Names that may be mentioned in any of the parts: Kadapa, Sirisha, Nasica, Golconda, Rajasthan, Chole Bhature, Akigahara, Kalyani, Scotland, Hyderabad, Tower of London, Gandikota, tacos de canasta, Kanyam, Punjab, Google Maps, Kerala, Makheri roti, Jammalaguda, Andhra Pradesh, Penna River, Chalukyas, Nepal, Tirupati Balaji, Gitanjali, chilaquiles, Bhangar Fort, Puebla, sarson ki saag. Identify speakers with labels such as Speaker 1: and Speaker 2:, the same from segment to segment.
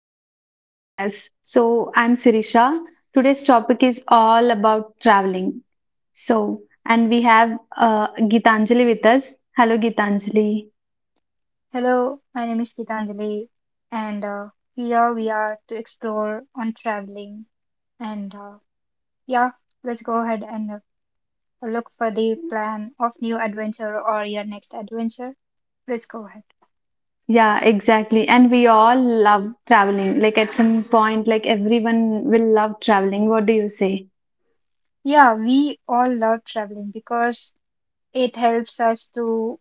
Speaker 1: back to our podcast. I'm Sirisha. Today's topic is all about traveling. And we have Gitanjali with us. Hello, Gitanjali.
Speaker 2: Hello, my name is Gitanjali, and here we are to explore on traveling. And uh, yeah, let's go ahead and look for the plan of new adventure or your next adventure. Let's go ahead.
Speaker 1: Yeah, exactly. And we all love traveling. Like, at some point, like, everyone will love traveling. What do you say?
Speaker 2: Yeah, we all love traveling because it helps us to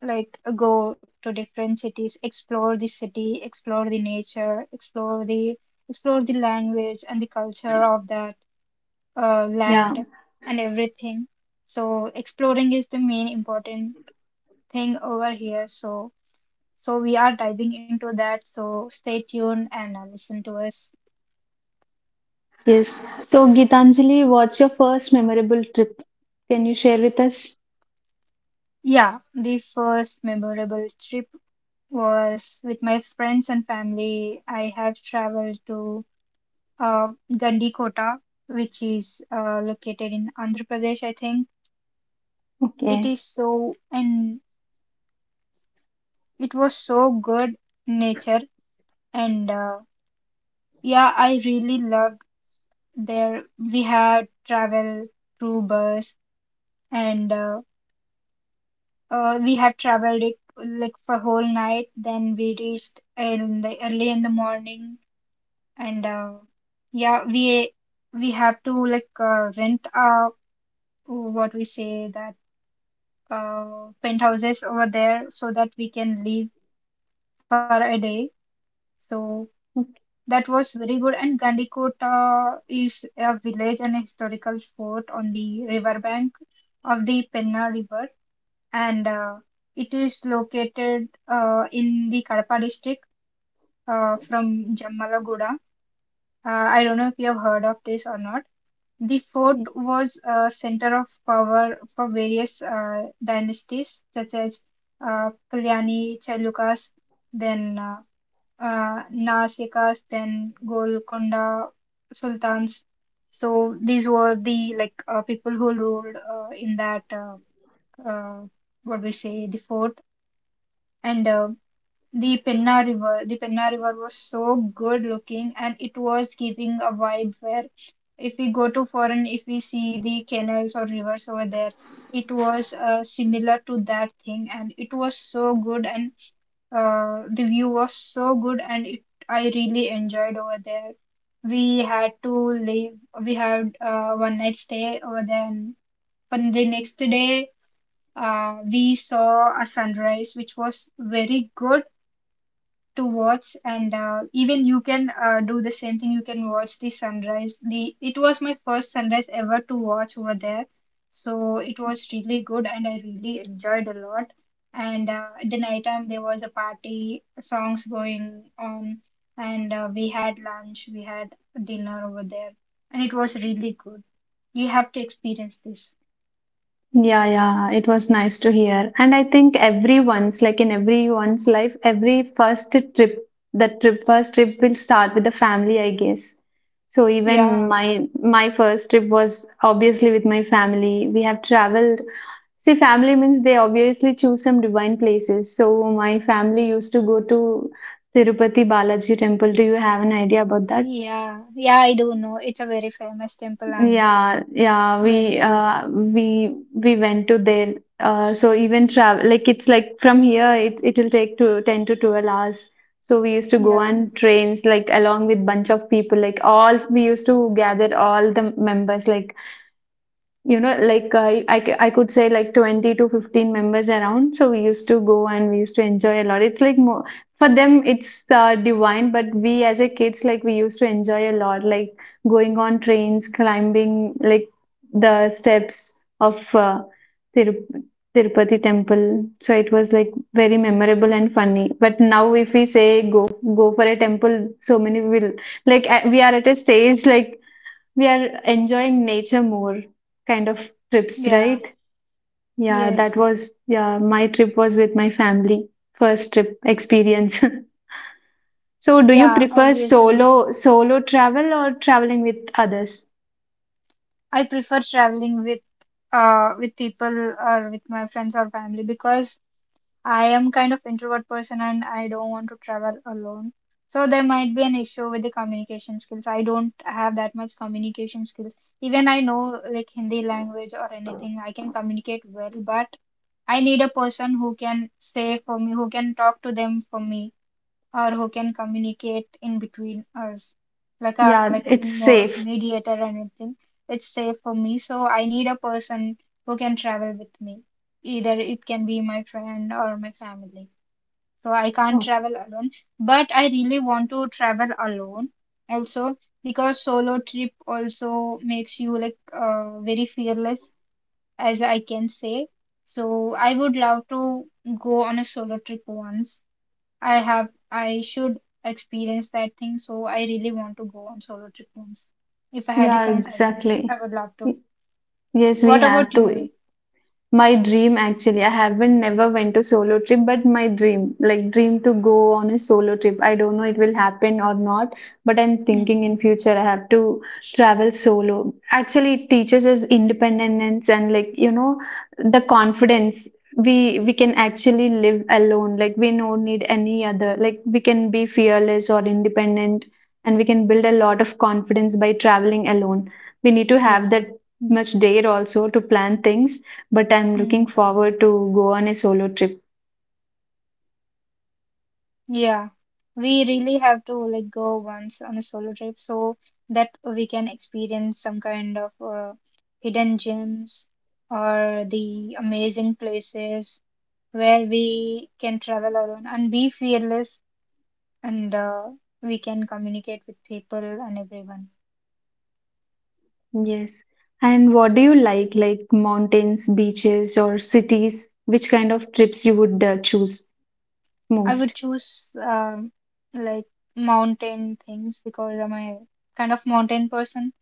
Speaker 2: like go to different cities, explore the city, explore the nature, explore the language and the culture of that
Speaker 1: Yeah,
Speaker 2: land and everything. So exploring is the main important thing over here. So we are diving into that. So stay tuned and listen to us.
Speaker 1: yes. So, Gitanjali, what's your first memorable trip? Can you share with us?
Speaker 2: Yeah, the first memorable trip was with my friends and family. I have traveled to Gandikota, which is located in Andhra Pradesh, I think. It
Speaker 1: Okay.
Speaker 2: is so, and it was so good nature. And uh, yeah, I really love there we had traveled through bus and we had traveled it like for whole night, then we reached in the early in the morning and yeah we we have to like rent what we say that penthouses over there so that we can leave for a day so that was very good. And Gandikota is a village and a historical fort on the riverbank of the Penna River, and it is located in the Kadapa district from Jammalaguda. I don't know if you have heard of this or not. The fort was a center of power for various dynasties such as Kalyani, Chalukyas, then Nasica's, then Golconda sultans. So these were the like people who ruled in that uh, what we say the fort and the Penna River. The Penna River was so good looking and it was giving a vibe where if we go to foreign, if we see the canals or rivers over there, it was similar to that thing and it was so good, and the view was so good and it, I really enjoyed over there. We had to leave, we had one night stay over there, and on the next day, we saw a sunrise, which was very good to watch, and even you can do the same thing, you can watch the sunrise, the it was my first sunrise ever to watch over there, so it was really good and I really enjoyed a lot. And at the night time there was a party songs going on, and we had lunch, we had dinner over there, and it was really good. You have to experience this.
Speaker 1: Yeah, yeah, it was nice to hear. And I think everyone's, like in everyone's life, every first trip, the trip, first trip will start with the family, I guess. So even
Speaker 2: yeah
Speaker 1: my first trip was obviously with my family. We have traveled. See, family means they obviously choose some divine places. So my family used to go to Tirupati Balaji temple. Do you have an idea about that?
Speaker 2: yeah yeah I do know, it's a very famous temple and
Speaker 1: Yeah, yeah,
Speaker 2: very
Speaker 1: we
Speaker 2: great.
Speaker 1: we went to there. So even travel like it's like from here it'll take to 10 to 12 hours. So we used to go
Speaker 2: Yeah,
Speaker 1: on trains like along with bunch of people like all we used to gather all the members like you know like I could say like 20 to 15 members around, so we used to go and we used to enjoy a lot. It's like more for them it's divine, but we as a kids like we used to enjoy a lot, like going on trains, climbing like the steps of Tiru- Tirupati temple. So it was like very memorable and funny, but now if we say go for a temple, so many will we are at a stage like we are enjoying nature more kind of
Speaker 2: yeah.
Speaker 1: trips, right?
Speaker 2: Yes.
Speaker 1: Yeah, that was, yeah, my trip was with my family, first trip experience. So, do you
Speaker 2: Yeah,
Speaker 1: prefer
Speaker 2: obviously.
Speaker 1: solo travel or traveling with others?
Speaker 2: I prefer traveling with people or with my friends or family because I am kind of introvert person and I don't want to travel alone. So there might be an issue with the communication skills. I don't have that much communication skills. Even I know like Hindi language or anything, I can communicate well, but I need a person who can say for me, who can talk to them for me, or who can communicate in between us like a
Speaker 1: Yeah,
Speaker 2: like
Speaker 1: it's safe.
Speaker 2: mediator and everything. It's safe for me, so I need a person who can travel with me, either it can be my friend or my family, so I can't
Speaker 1: Oh,
Speaker 2: travel alone, but I really want to travel alone also, because solo trip also makes you like very fearless, as I can say. So I would love to go on a solo trip once. I should experience that thing, so I really want to go on solo trip once. If I had a
Speaker 1: yeah,
Speaker 2: chance,
Speaker 1: exactly.
Speaker 2: I would love
Speaker 1: Y-
Speaker 2: to.
Speaker 1: Yes, we
Speaker 2: What
Speaker 1: have
Speaker 2: about
Speaker 1: to.
Speaker 2: you?
Speaker 1: My dream actually, I haven't never went to solo trip, but my dream, like dream to go on a solo trip. I don't know it will happen or not, but I'm thinking
Speaker 2: Mm,
Speaker 1: in future I have to travel solo. Actually, it teaches us independence and, like, you know, the confidence. We can actually live alone. Like we don't need any other. Like we can be fearless or independent and we can build a lot of confidence by traveling alone. We need to have
Speaker 2: yes.
Speaker 1: that much dare also to plan things, but I'm looking
Speaker 2: Mm,
Speaker 1: forward to go on a solo trip.
Speaker 2: yeah. We really have to like go once on a solo trip so that we can experience some kind of hidden gems or the amazing places where we can travel alone and be fearless, and we can communicate with people and everyone.
Speaker 1: Yes. And what do you like mountains, beaches, or cities? Which kind of trips you would choose
Speaker 2: I would
Speaker 1: most?
Speaker 2: choose like mountain things because I'm a kind of mountain person.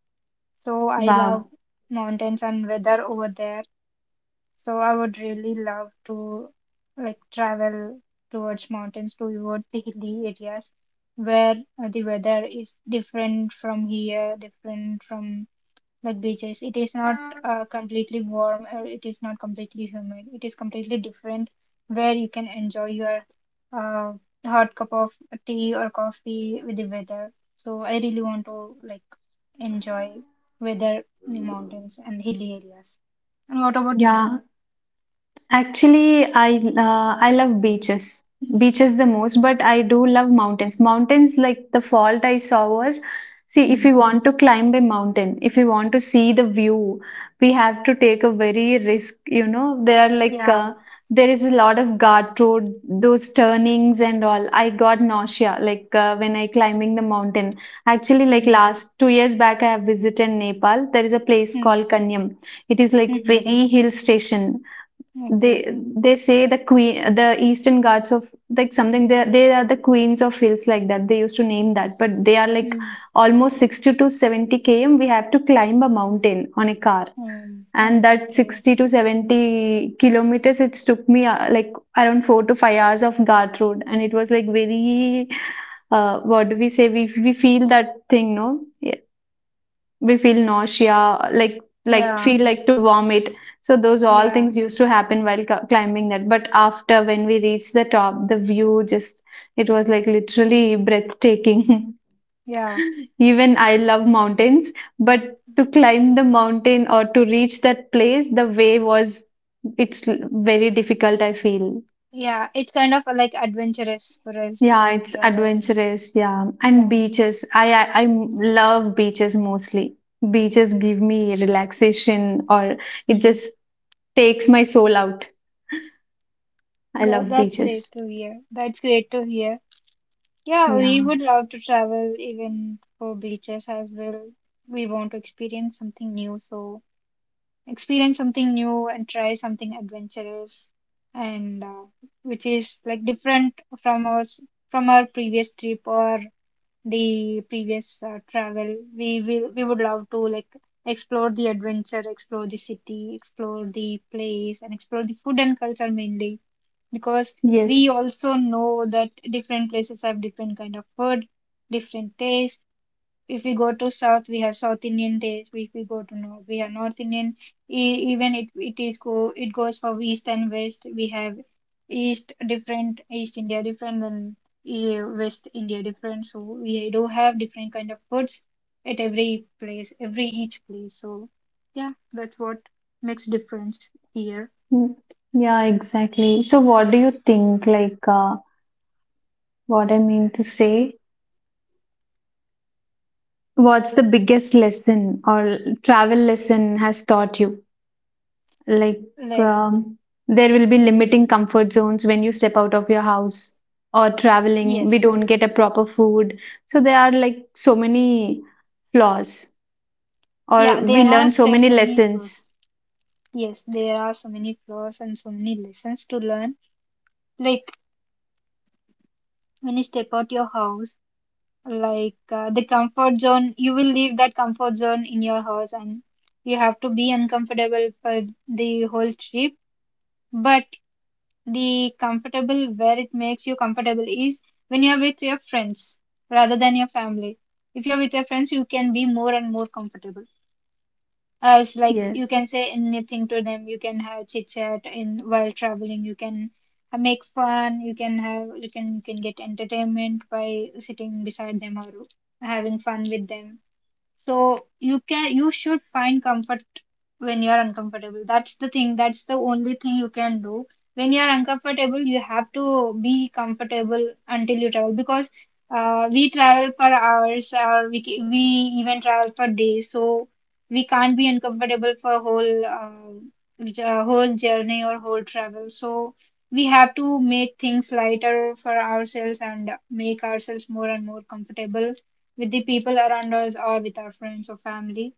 Speaker 2: So I love
Speaker 1: Wow.
Speaker 2: mountains and weather over there. So I would really love to like travel towards mountains, towards the hilly areas where the weather is different from here, different from like beaches. It is not completely warm or it is not completely humid. It is completely different where you can enjoy your uh, hot cup of tea or coffee with the weather. So I really want to like enjoy weather in the mountains and hilly areas. And what about you?
Speaker 1: Yeah. Actually, I love beaches. Beaches the most, but I do love mountains. Mountains, like the fault I saw was, see, if
Speaker 2: Hmm.
Speaker 1: you want to climb a mountain, if you want to see the view, we have to take a very risk. You know, there are like
Speaker 2: Yeah.
Speaker 1: there is a lot of guard road, those turnings and all. I got nausea like when I climbing the mountain. Actually, like
Speaker 2: Hmm.
Speaker 1: last 2 years back, I have visited Nepal. There is a place
Speaker 2: Hmm.
Speaker 1: called Kanyam. It is like
Speaker 2: Mm-hmm.
Speaker 1: very hill station. They
Speaker 2: Okay.
Speaker 1: say the queen the eastern gods of like something, they are the queens of hills like that they used to name that, but they are like
Speaker 2: Hmm.
Speaker 1: almost 60 to 70 km we have to climb a mountain on a car,
Speaker 2: Hmm.
Speaker 1: and that
Speaker 2: Okay.
Speaker 1: 60 to 70 kilometers it took me like around 4 to 5 hours of ghat road, and it was like very what do we say, we feel that thing, no, we feel nausea like like
Speaker 2: Yeah.
Speaker 1: feel like to vomit. So those all
Speaker 2: Yeah.
Speaker 1: things used to happen while climbing that, but after when we reached the top, the view just it was like literally breathtaking.
Speaker 2: Yeah.
Speaker 1: Even I love mountains, but to climb the mountain or to reach that place the way was it's l- very difficult I feel.
Speaker 2: Yeah, it's kind of like adventurous for us
Speaker 1: Yeah,
Speaker 2: to
Speaker 1: it's
Speaker 2: travel.
Speaker 1: adventurous, yeah, and
Speaker 2: Yeah,
Speaker 1: beaches. I love beaches mostly. Beaches give me relaxation or it
Speaker 2: mm.
Speaker 1: just takes my soul out. I love
Speaker 2: That's great
Speaker 1: beaches.
Speaker 2: to hear. That's great to hear. Yeah, we
Speaker 1: Yeah.
Speaker 2: would love to travel even for beaches as well. We want to experience something new, so experience something new and try something adventurous, and which is like different from us, from our previous trip or the previous travel. We will we would love to like explore the adventure, explore the city, explore the place, and explore the food and culture mainly, because we
Speaker 1: Yes.
Speaker 2: also know that different places have different kind of food, different taste. If we go to south, we have south Indian taste. If we go to north, we have north Indian. Even it, it is go it goes for east and west. We have east India different than west India different. So we do have different kind of foods at every place, every each place. So yeah, that's what makes difference here.
Speaker 1: Mm. Yeah, exactly. So what do you think like what I mean to say? What's the biggest lesson or travel lesson has taught you? Like
Speaker 2: Like,
Speaker 1: um, there will be limiting comfort zones when you step out of your house or traveling
Speaker 2: yes.
Speaker 1: we don't get a proper food. So there are like so many flaws or
Speaker 2: Yeah,
Speaker 1: we
Speaker 2: there are
Speaker 1: learn so
Speaker 2: so
Speaker 1: many
Speaker 2: many flaws.
Speaker 1: lessons.
Speaker 2: Yes, there are so many flaws and so many lessons to learn, like when you step out your house, like the comfort zone, you will leave that comfort zone in your house and you have to be uncomfortable for the whole trip. But the comfortable where it makes you comfortable is when you're with your friends rather than your family. If you're with your friends you can be more and more comfortable, as like you
Speaker 1: Yes.
Speaker 2: can say anything to them, you can have chit chat in while traveling, you can make fun, you can get entertainment by sitting beside them or having fun with them. So you can, you should find comfort when you are uncomfortable. That's the thing. That's the only thing you can do. When you are uncomfortable, you have to be comfortable until you travel because we travel for hours or we even travel for days. So we can't be uncomfortable for whole whole journey or whole travel. So we have to make things lighter for ourselves and make ourselves more and more comfortable with the people around us or with our friends or family.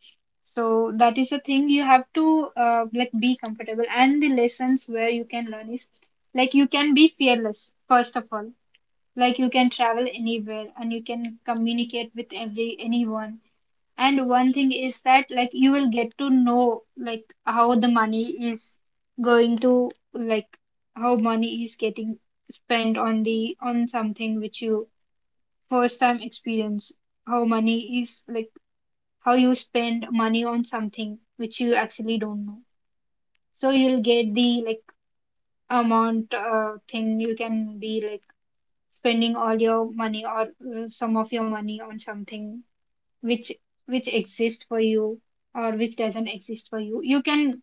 Speaker 2: So that is the thing, you have to like be comfortable, and the lessons where you can learn is like you can be fearless first of all. Like you can travel anywhere and you can communicate with every anyone. And one thing is that like you will get to know like how the money is going to like, how money is getting spent on the on something which you first time experience, how money is like, how you spend money on something which you actually don't know. So you'll get the like amount thing, you can be like spending all your money or some of your money on something which which exists for you or which doesn't exist for you, you can,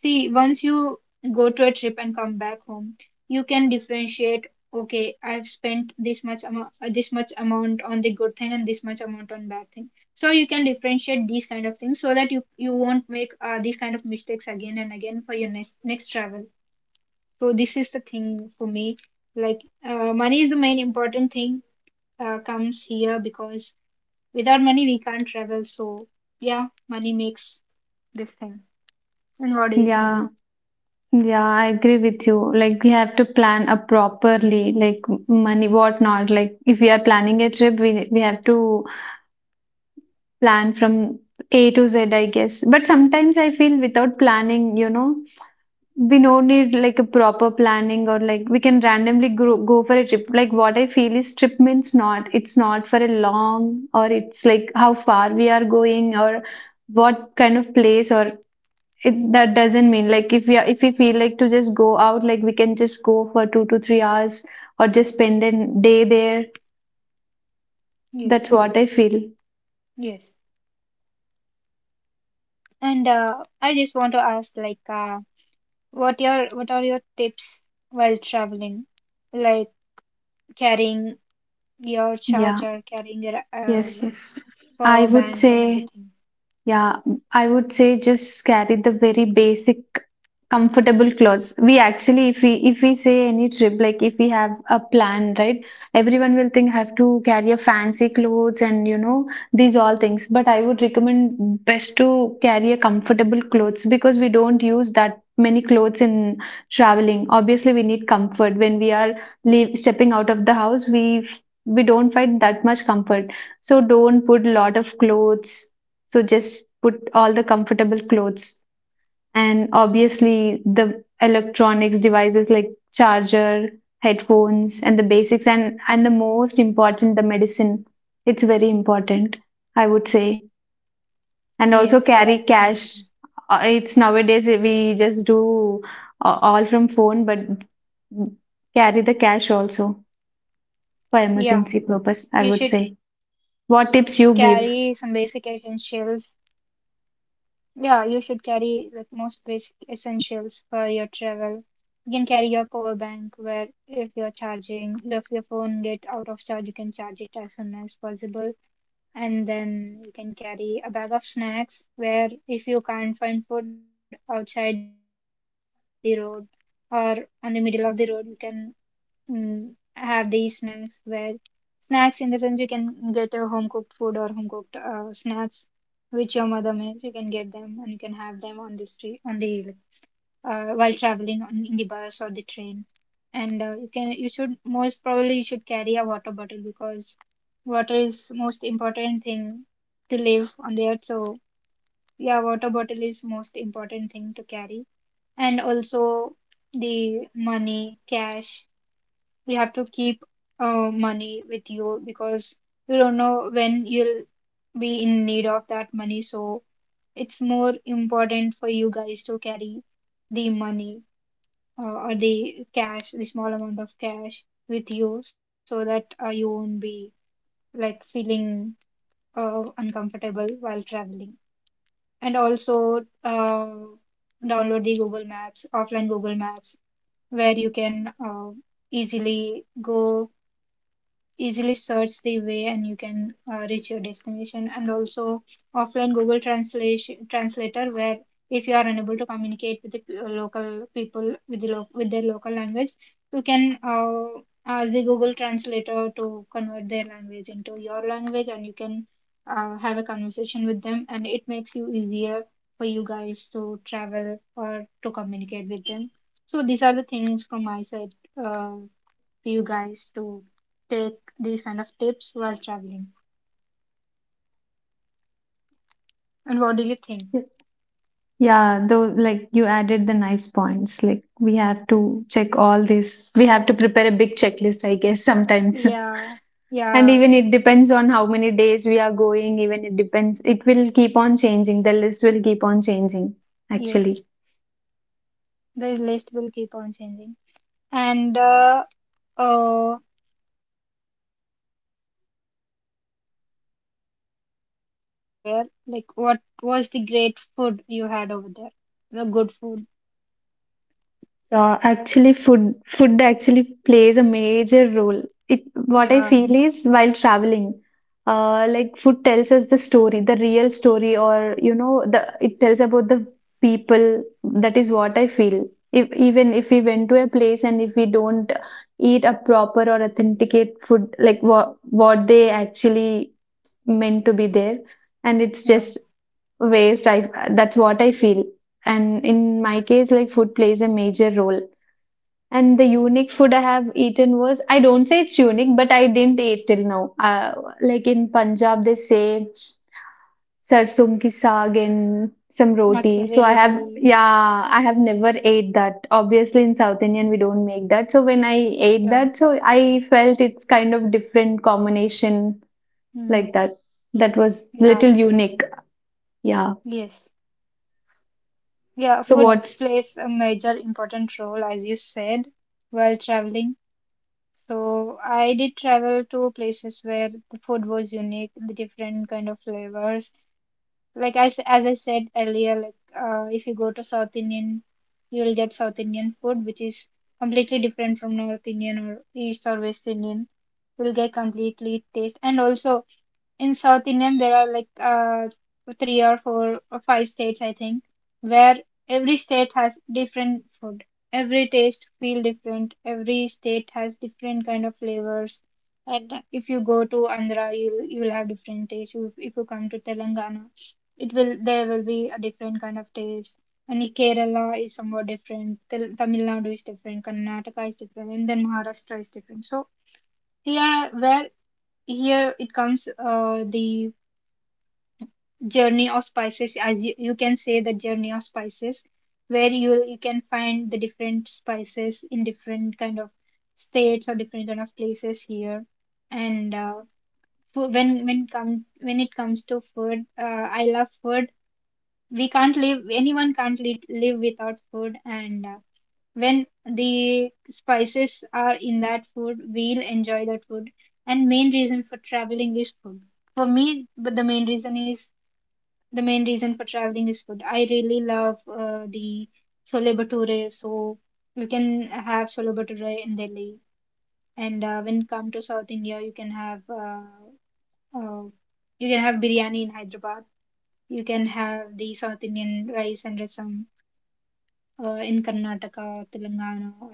Speaker 2: see, once you go to a trip and come back home, you can differentiate. Okay, I've spent this much amount on the good thing and this much amount on bad thing. So you can differentiate these kind of things so that you won't make these kind of mistakes again and again for your next travel. So this is the thing for me. Like money is the main important thing comes here because without money we can't travel. So yeah, money makes this thing. And what do you think?
Speaker 1: Yeah, yeah, I agree with you. Like, we have to plan a properly like money what not. Like if we are planning a trip, we have to plan from A to Z, I guess, but sometimes I feel without planning, you know, we no need like a proper planning, or like we can randomly go for a trip. Like what I feel is trip means not it's not for a long, or it's like how far we are going, or what kind of place, or it that doesn't mean like if we are, if we feel like to just go out, like we can just go for 2 to 3 hours or just spend a day there. That's
Speaker 2: Yes.
Speaker 1: what I feel.
Speaker 2: Yes. And I just want to ask, like, what your what are your tips while traveling, like carrying your
Speaker 1: yeah
Speaker 2: charger, carrying your
Speaker 1: yes yes i
Speaker 2: power
Speaker 1: would
Speaker 2: bank,
Speaker 1: say
Speaker 2: and everything?
Speaker 1: Yeah, I would say just carry the very basic comfortable clothes. We actually, if we say any trip, like if we have a plan, right? Everyone will think have to carry a fancy clothes and you know these all things. But I would recommend best to carry a comfortable clothes because we don't use that many clothes in traveling. Obviously, we need comfort when we are leave, stepping out of the house. We don't find that much comfort, so don't put lot of clothes, so just put all the comfortable clothes and obviously the electronics devices like charger, headphones, and the basics and the most important the medicine. It's very important, I would say. And
Speaker 2: Yes,
Speaker 1: also
Speaker 2: that's
Speaker 1: carry
Speaker 2: important.
Speaker 1: cash. It's nowadays we just do all from phone, but carry the cash also for
Speaker 2: Yeah,
Speaker 1: emergency purpose,
Speaker 2: you
Speaker 1: I
Speaker 2: should
Speaker 1: would say.
Speaker 2: carry some basic
Speaker 1: What tips you
Speaker 2: essentials.
Speaker 1: give?
Speaker 2: Yeah, you should carry like most basic essentials for your travel. You can carry your power bank where if you're charging, if your phone gets out of charge, you can charge it as soon as possible, and then you can carry a bag of snacks where if you can't find food outside the road or on the middle of the road you can have these snacks where snacks in the sense you can get a home cooked food or home cooked snacks which your mother makes you can get them and you can have them on the street on the while traveling on, in the bus or the train, and you can you should most probably you should carry a water bottle because water is most important thing to live on the earth, so yeah, water bottle is most important thing to carry, and also the money cash you have to keep money with you because you don't know when you'll be in need of that money, so it's more important for you guys to carry the money, or the cash, the small amount of cash with you so that you won't be like feeling uncomfortable while traveling. And also download the Google Maps, offline Google Maps, where you can easily go, easily search the way and you can reach your destination, and also offline google translation translator where if you are unable to communicate with the local people with the with their local language you can ask the google translator to convert their language into your language and you can have a conversation with them and it makes you easier for you guys to travel or to communicate with them. So these are the things from my side, uh, you guys to take these kind of tips while traveling? And what do you think?
Speaker 1: Yeah, though, like you added the nice points. Like we have to check all this. We have to prepare a big checklist, I guess, sometimes.
Speaker 2: Yeah,
Speaker 1: And
Speaker 2: yeah,
Speaker 1: even it depends on how many days we are going, even it depends. It will keep on changing. The list will keep on changing,
Speaker 2: yes.
Speaker 1: actually.
Speaker 2: The list will keep on changing. And uh, I wanted to ask you, like, when whenever you traveled somewhere, like, what was the great food you had over there? The good food.
Speaker 1: Yeah, actually, food actually plays a major role. It what I
Speaker 2: Yeah,
Speaker 1: feel is while traveling, like food tells us the story, the real story, or you know, the it tells about the people. That is what I feel. If even if we went to a place and if we don't eat a proper or authenticate food, like what they actually meant to be there, and it's
Speaker 2: yeah.
Speaker 1: just waste. I that's what I feel. And in my case, like food plays a major role, and the unique food I have eaten was I don't say it's unique, but I didn't eat till now. Like in Punjab, they say sarson ki saag and some roti.
Speaker 2: Makheri
Speaker 1: So I have,
Speaker 2: roti.
Speaker 1: yeah, I have never ate that. Obviously, in South Indian, we don't make that. So when I ate
Speaker 2: Yeah.
Speaker 1: that, so I felt it's kind of different combination
Speaker 2: Mm,
Speaker 1: like that. That was little
Speaker 2: yeah.
Speaker 1: unique. Yeah.
Speaker 2: Yes. Yeah,
Speaker 1: So
Speaker 2: food
Speaker 1: what's
Speaker 2: plays a major important role, as you said, while traveling. So I did travel to places where the food was unique, the different kind of flavors. Like as I said earlier, like, if you go to South Indian, you'll get South Indian food, which is completely different from North Indian or East or West Indian. You'll get completely taste, and also in South Indian there are like three or four or five states I think where every state has different food. Every taste feel different. Every state has different kind of flavors. And if you go to Andhra, you'll have different taste. If you come to Telangana, it will there will be a different kind of taste. And in Kerala is somewhat different. Tel Tamil Nadu is different. Karnataka is different, and then Maharashtra is different. So here, where here it comes, the journey of spices as you, you can say the journey of spices where you can find the different spices in different kind of states or different kind of places here, and when come when it comes to food, I love food. We can't live, anyone can't live without food, and when the spices are in that food we'll enjoy that food, and main reason for traveling is food for me, but the main reason for traveling is food. I really love the Chole Bhature, so you can have Chole Bhature in Delhi, and when you come to South India, uh, you can have biryani in Hyderabad. You can have the South Indian rice and rasam in Karnataka, Telangana, or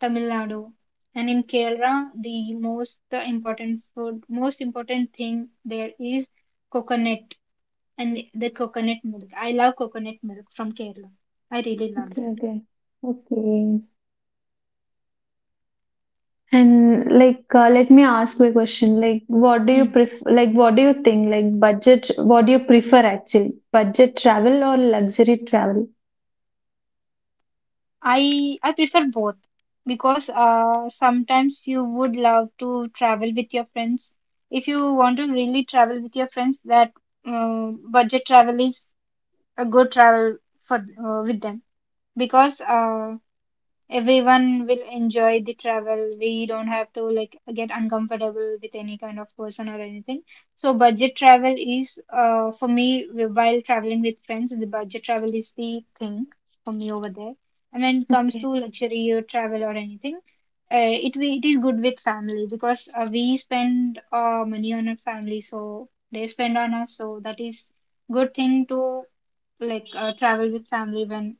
Speaker 2: Tamil Nadu. And in Kerala, the most important food, most important thing there is coconut and the coconut milk. I love coconut milk from Kerala. I really love
Speaker 1: okay?
Speaker 2: that.
Speaker 1: Okay. Okay. And like, let me ask you a question. Like, what do you
Speaker 2: Hmm.
Speaker 1: prefer? Like, what do you think? Like, budget, what do you prefer actually? Budget travel or luxury travel?
Speaker 2: I prefer both because sometimes you would love to travel with your friends. If you want to really travel with your friends, that budget travel is a good travel for with them because everyone will enjoy the travel. We don't have to like get uncomfortable with any kind of person or anything. So budget travel is for me while traveling with friends, the budget travel is the thing for me over there. And when it comes
Speaker 1: Okay.
Speaker 2: to luxury or travel or anything, it is good with family because we spend money on our family, so they spend on us. So that is good thing to like travel with family when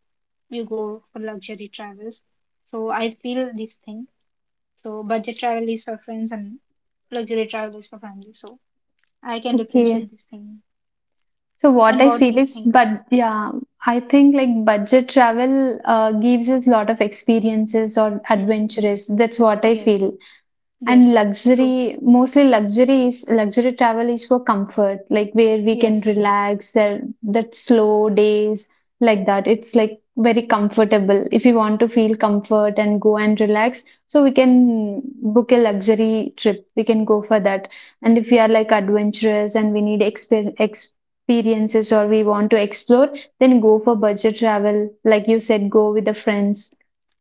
Speaker 2: you go for luxury travels. So I feel this thing. So budget travel is for friends and luxury travel is for family. So I can
Speaker 1: Okay.
Speaker 2: differentiate this thing.
Speaker 1: So what
Speaker 2: And
Speaker 1: I
Speaker 2: what do
Speaker 1: feel
Speaker 2: you
Speaker 1: is,
Speaker 2: think of?
Speaker 1: but yeah, I think like budget travel gives us lot of experiences or
Speaker 2: Hmm.
Speaker 1: adventures. That's what I
Speaker 2: Yes.
Speaker 1: feel. And
Speaker 2: Yes. True.
Speaker 1: luxury, mostly luxury travel is for comfort, like where we can
Speaker 2: Yes.
Speaker 1: relax, there that slow days like that. It's like very comfortable. If you want to feel comfort and go and relax, so we can book a luxury trip. We can go for that. And if we are like adventurous and we need experiences or we want to explore, then go for budget travel. Like you said, go with the friends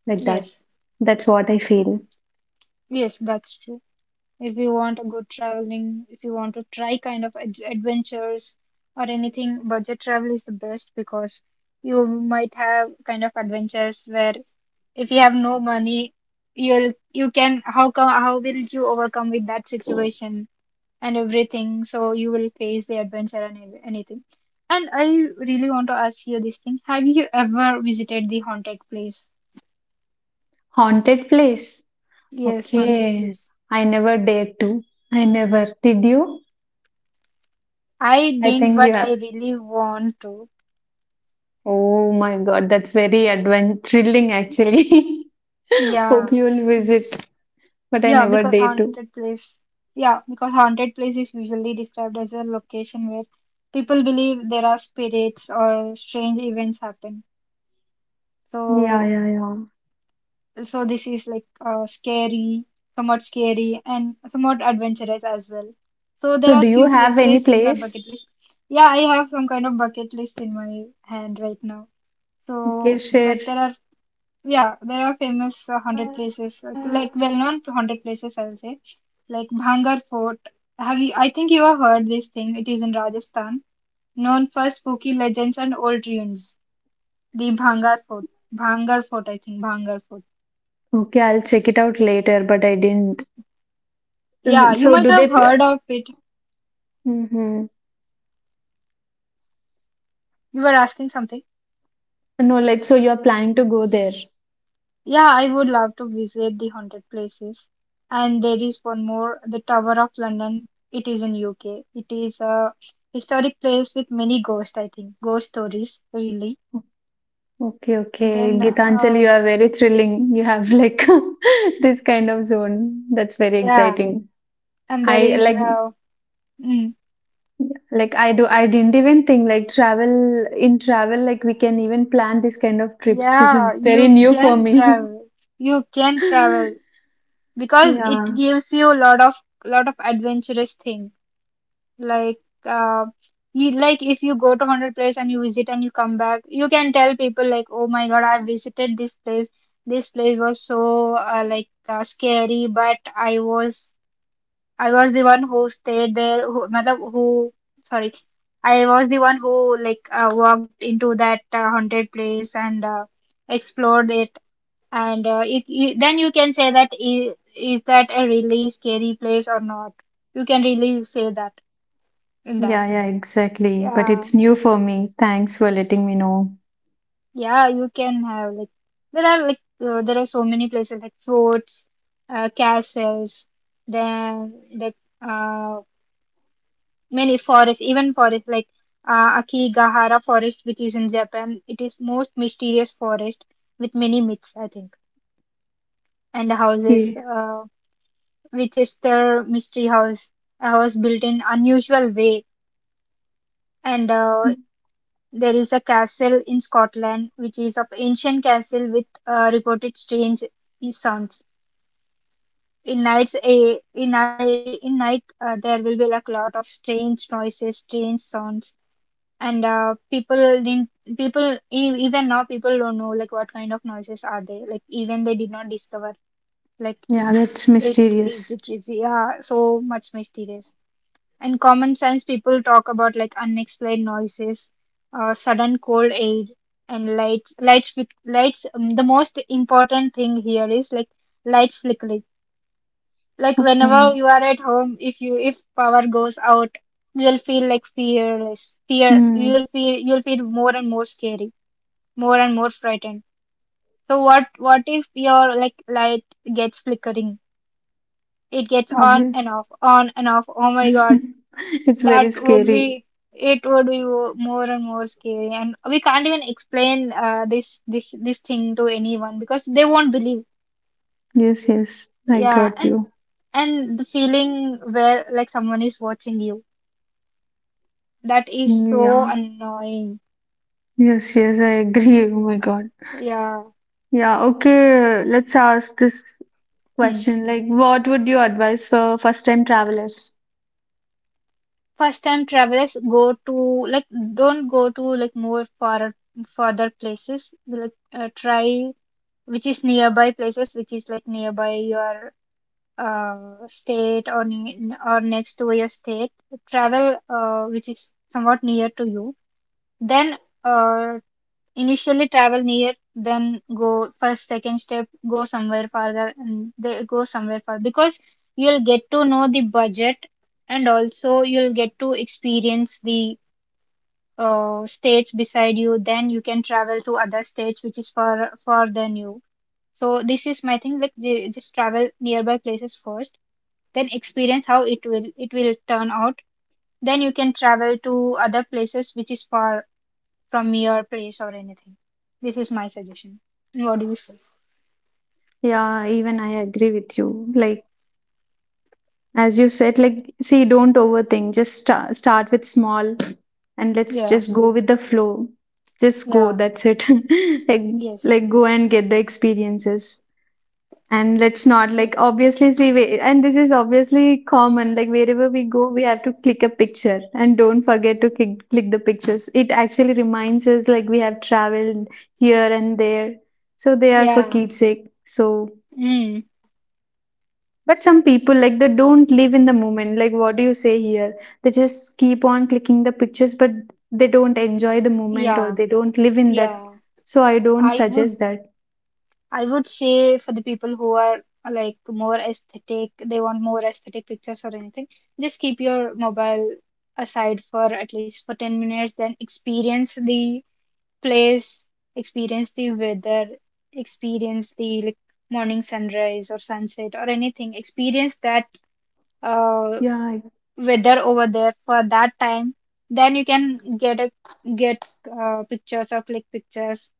Speaker 1: like that.
Speaker 2: Yes.
Speaker 1: That's what I feel.
Speaker 2: Yes, that's true. If you want a good traveling, if you want to try kind of ad adventures or anything, budget travel is the best because you might have kind of adventures where if you have no money, you can how will you overcome with that situation and everything. So you will face the adventure and anything. And I really want to ask you this thing. Have you ever visited the haunted place?
Speaker 1: Haunted place.
Speaker 2: Yes, haunted
Speaker 1: Okay.
Speaker 2: place.
Speaker 1: I never dared to. I never. Did you?
Speaker 2: I
Speaker 1: I
Speaker 2: didn't,
Speaker 1: think you
Speaker 2: but I
Speaker 1: have.
Speaker 2: really want to.
Speaker 1: Oh my God, that's very advent thrilling actually. Hope
Speaker 2: Yeah.
Speaker 1: you will
Speaker 2: Mm.
Speaker 1: visit, but I
Speaker 2: Yeah,
Speaker 1: never
Speaker 2: because
Speaker 1: dare to.
Speaker 2: haunted place. Yeah, because haunted place is usually described as a location where people believe there are spirits or strange events happen.
Speaker 1: Yeah,
Speaker 2: So
Speaker 1: yeah, yeah.
Speaker 2: This is like scary, somewhat
Speaker 1: S-
Speaker 2: scary, and somewhat adventurous as well. So there
Speaker 1: So
Speaker 2: are
Speaker 1: do you
Speaker 2: few
Speaker 1: have any
Speaker 2: places in my
Speaker 1: place?
Speaker 2: bucket list. Yeah, I have some kind of bucket list in my hand right now.
Speaker 1: Okay,
Speaker 2: So
Speaker 1: share.
Speaker 2: like there are yeah there are famous hundred places like well-known hundred places I will say like Bhangar Fort. Have you? I think you have heard this thing. It is in Rajasthan, known for spooky legends and old ruins. The Bhangar Fort, I think Bhangar Fort.
Speaker 1: Okay, I'll check it out later, but I didn't.
Speaker 2: Yeah, you
Speaker 1: So
Speaker 2: might
Speaker 1: do
Speaker 2: have
Speaker 1: they?
Speaker 2: heard of it.
Speaker 1: Mm-hmm.
Speaker 2: You were asking something.
Speaker 1: No, like, so you're planning to go there.
Speaker 2: Yeah, I would love to visit the haunted places. And there is one more, the Tower of London. It is in UK. It is a historic place with many ghosts, I think. Ghost stories, really.
Speaker 1: Okay, okay.
Speaker 2: Then,
Speaker 1: Gitanjali, you are very thrilling. You have like this kind of zone. That's very
Speaker 2: yeah,
Speaker 1: exciting.
Speaker 2: and there
Speaker 1: I
Speaker 2: is, mm,
Speaker 1: like I do I didn't even think like travel like we can even plan this kind of trips. This
Speaker 2: yeah,
Speaker 1: is very
Speaker 2: you
Speaker 1: new for
Speaker 2: can
Speaker 1: me.
Speaker 2: travel. You can travel because it
Speaker 1: Yeah.
Speaker 2: gives you a lot of adventurous things. Like, uh, you, like if you go to 100 place and you visit and you come back, you can tell people like, oh my God, I visited this place. This place was so like scary, but I was the one who stayed there. Who, matlab, who sorry, I was the one who like walked into that haunted place and explored it. And it then you can say that is that a really scary place or not? You can really say that in that.
Speaker 1: Yeah, yeah, exactly. But
Speaker 2: Yeah,
Speaker 1: it's new for me. Thanks for letting me know.
Speaker 2: yeah, you can have like there are so many places like forts, castles, then like uh, many forests, even forest like Akigahara forest, which is in Japan. It is most mysterious forest with many myths, I think, and houses,
Speaker 1: Okay.
Speaker 2: which is their mystery house, a house built in unusual way, and there is a castle in Scotland which is of ancient castle with reported strange sounds. In nights, in night there will be like a lot of strange noises, strange sounds, and people didn't, even now people don't know like what kind of noises are they, like even they did not discover like
Speaker 1: Yeah, that's mysterious.
Speaker 2: it is yeah so much mysterious. And common sense people talk about like unexplained noises, sudden cold air, and lights. Lights with lights. The most important thing here is like lights flickering. Like
Speaker 1: Okay.
Speaker 2: whenever you are at home, if you if power goes out, you'll feel like fearless. Fear.
Speaker 1: Hmm.
Speaker 2: You'll feel more and more scary, more and more frightened. So what if your like light gets flickering? It gets on
Speaker 1: Obvious.
Speaker 2: and off, on and off. Oh my God.
Speaker 1: It's
Speaker 2: That
Speaker 1: very
Speaker 2: would
Speaker 1: scary.
Speaker 2: be it would be wo- more and more scary, and we can't even explain this thing to anyone because they won't believe.
Speaker 1: Yes, yes, I
Speaker 2: Yeah,
Speaker 1: got
Speaker 2: and
Speaker 1: you.
Speaker 2: the feeling where like someone is watching you, that is so
Speaker 1: Yeah,
Speaker 2: annoying.
Speaker 1: yes, yes, I agree. Oh my God.
Speaker 2: Yeah.
Speaker 1: Yeah, okay, let's ask this
Speaker 2: Hmm.
Speaker 1: question. Like, what would you advise for first-time travelers?
Speaker 2: First time travelers go to like don't go to like more far further places. Like try which is nearby places, which is like nearby your state or or next to your state, travel which is somewhat near to you. Then uh, initially travel near, then go first second step go somewhere farther and they go somewhere far because you'll get to know the budget and also you'll get to experience the states beside you. Then you can travel to other states which is far far than you. So this is my thing like just travel nearby places first, then experience how it will turn out, then you can travel to other places which is far from your place or anything. This is my suggestion. What do you say?
Speaker 1: Yeah, even I agree with you. Like, as you said, like, see, don't overthink. Just start with small, and let's
Speaker 2: Yeah,
Speaker 1: just go with the flow. Just go,
Speaker 2: yeah,
Speaker 1: that's it. Like,
Speaker 2: yes,
Speaker 1: like go and get the experiences. And let's not like
Speaker 2: yes,
Speaker 1: obviously see we, and this is obviously common, like wherever we go we have to click a picture, and don't forget to click the pictures. It actually reminds us like we have traveled here and there, so they are for
Speaker 2: yeah,
Speaker 1: keepsake. So
Speaker 2: mm,
Speaker 1: but some people like they don't live in the moment, like what do you say here, they just keep on clicking the pictures, but they don't enjoy the moment or
Speaker 2: yeah,
Speaker 1: they don't live in that.
Speaker 2: yeah.
Speaker 1: So I don't
Speaker 2: i would
Speaker 1: suggest that.
Speaker 2: i would say for the people who are like more aesthetic, they want more aesthetic pictures or anything, just keep your mobile aside for at least for 10 minutes, then experience the place, experience the weather, experience the like morning sunrise or sunset or anything, experience that uh,
Speaker 1: Yeah.
Speaker 2: weather over there for that time, then you can get pictures or click pictures.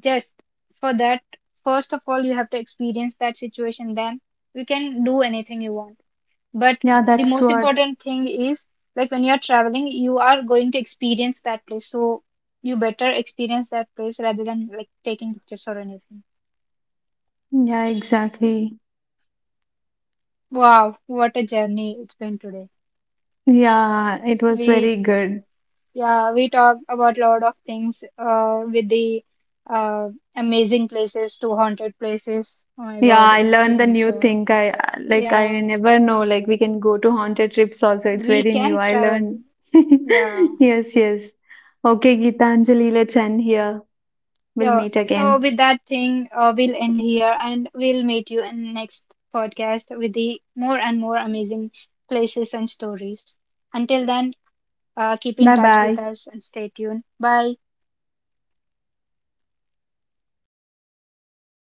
Speaker 2: Just for that, first of all, you have to experience that situation. Then you can do anything you want. But
Speaker 1: Yeah,
Speaker 2: the
Speaker 1: that's
Speaker 2: most
Speaker 1: what.
Speaker 2: important thing is like when you're traveling, you are going to experience that place. So you better experience that place rather than like taking pictures or anything.
Speaker 1: Yeah, exactly.
Speaker 2: Wow, what a journey it's been today.
Speaker 1: Yeah, it was
Speaker 2: We
Speaker 1: very good.
Speaker 2: yeah, we talked about a lot of things with the uh amazing places to haunted places. Oh my
Speaker 1: Yeah,
Speaker 2: God,
Speaker 1: I
Speaker 2: it's
Speaker 1: learned the
Speaker 2: been
Speaker 1: new
Speaker 2: so
Speaker 1: thing. I like I
Speaker 2: yeah,
Speaker 1: never know like we can go to haunted trips also. It's
Speaker 2: we
Speaker 1: very new.
Speaker 2: can
Speaker 1: I
Speaker 2: travel.
Speaker 1: learned.
Speaker 2: Yeah.
Speaker 1: Yes, yes. Okay, Geetanjali, let's end here. We'll
Speaker 2: Yeah.
Speaker 1: meet
Speaker 2: So
Speaker 1: again.
Speaker 2: with that thing, we'll end here and we'll meet you in next podcast with the more and more amazing places and stories. Until then, keep in
Speaker 1: Bye
Speaker 2: touch with
Speaker 1: bye.
Speaker 2: us and stay tuned. Bye.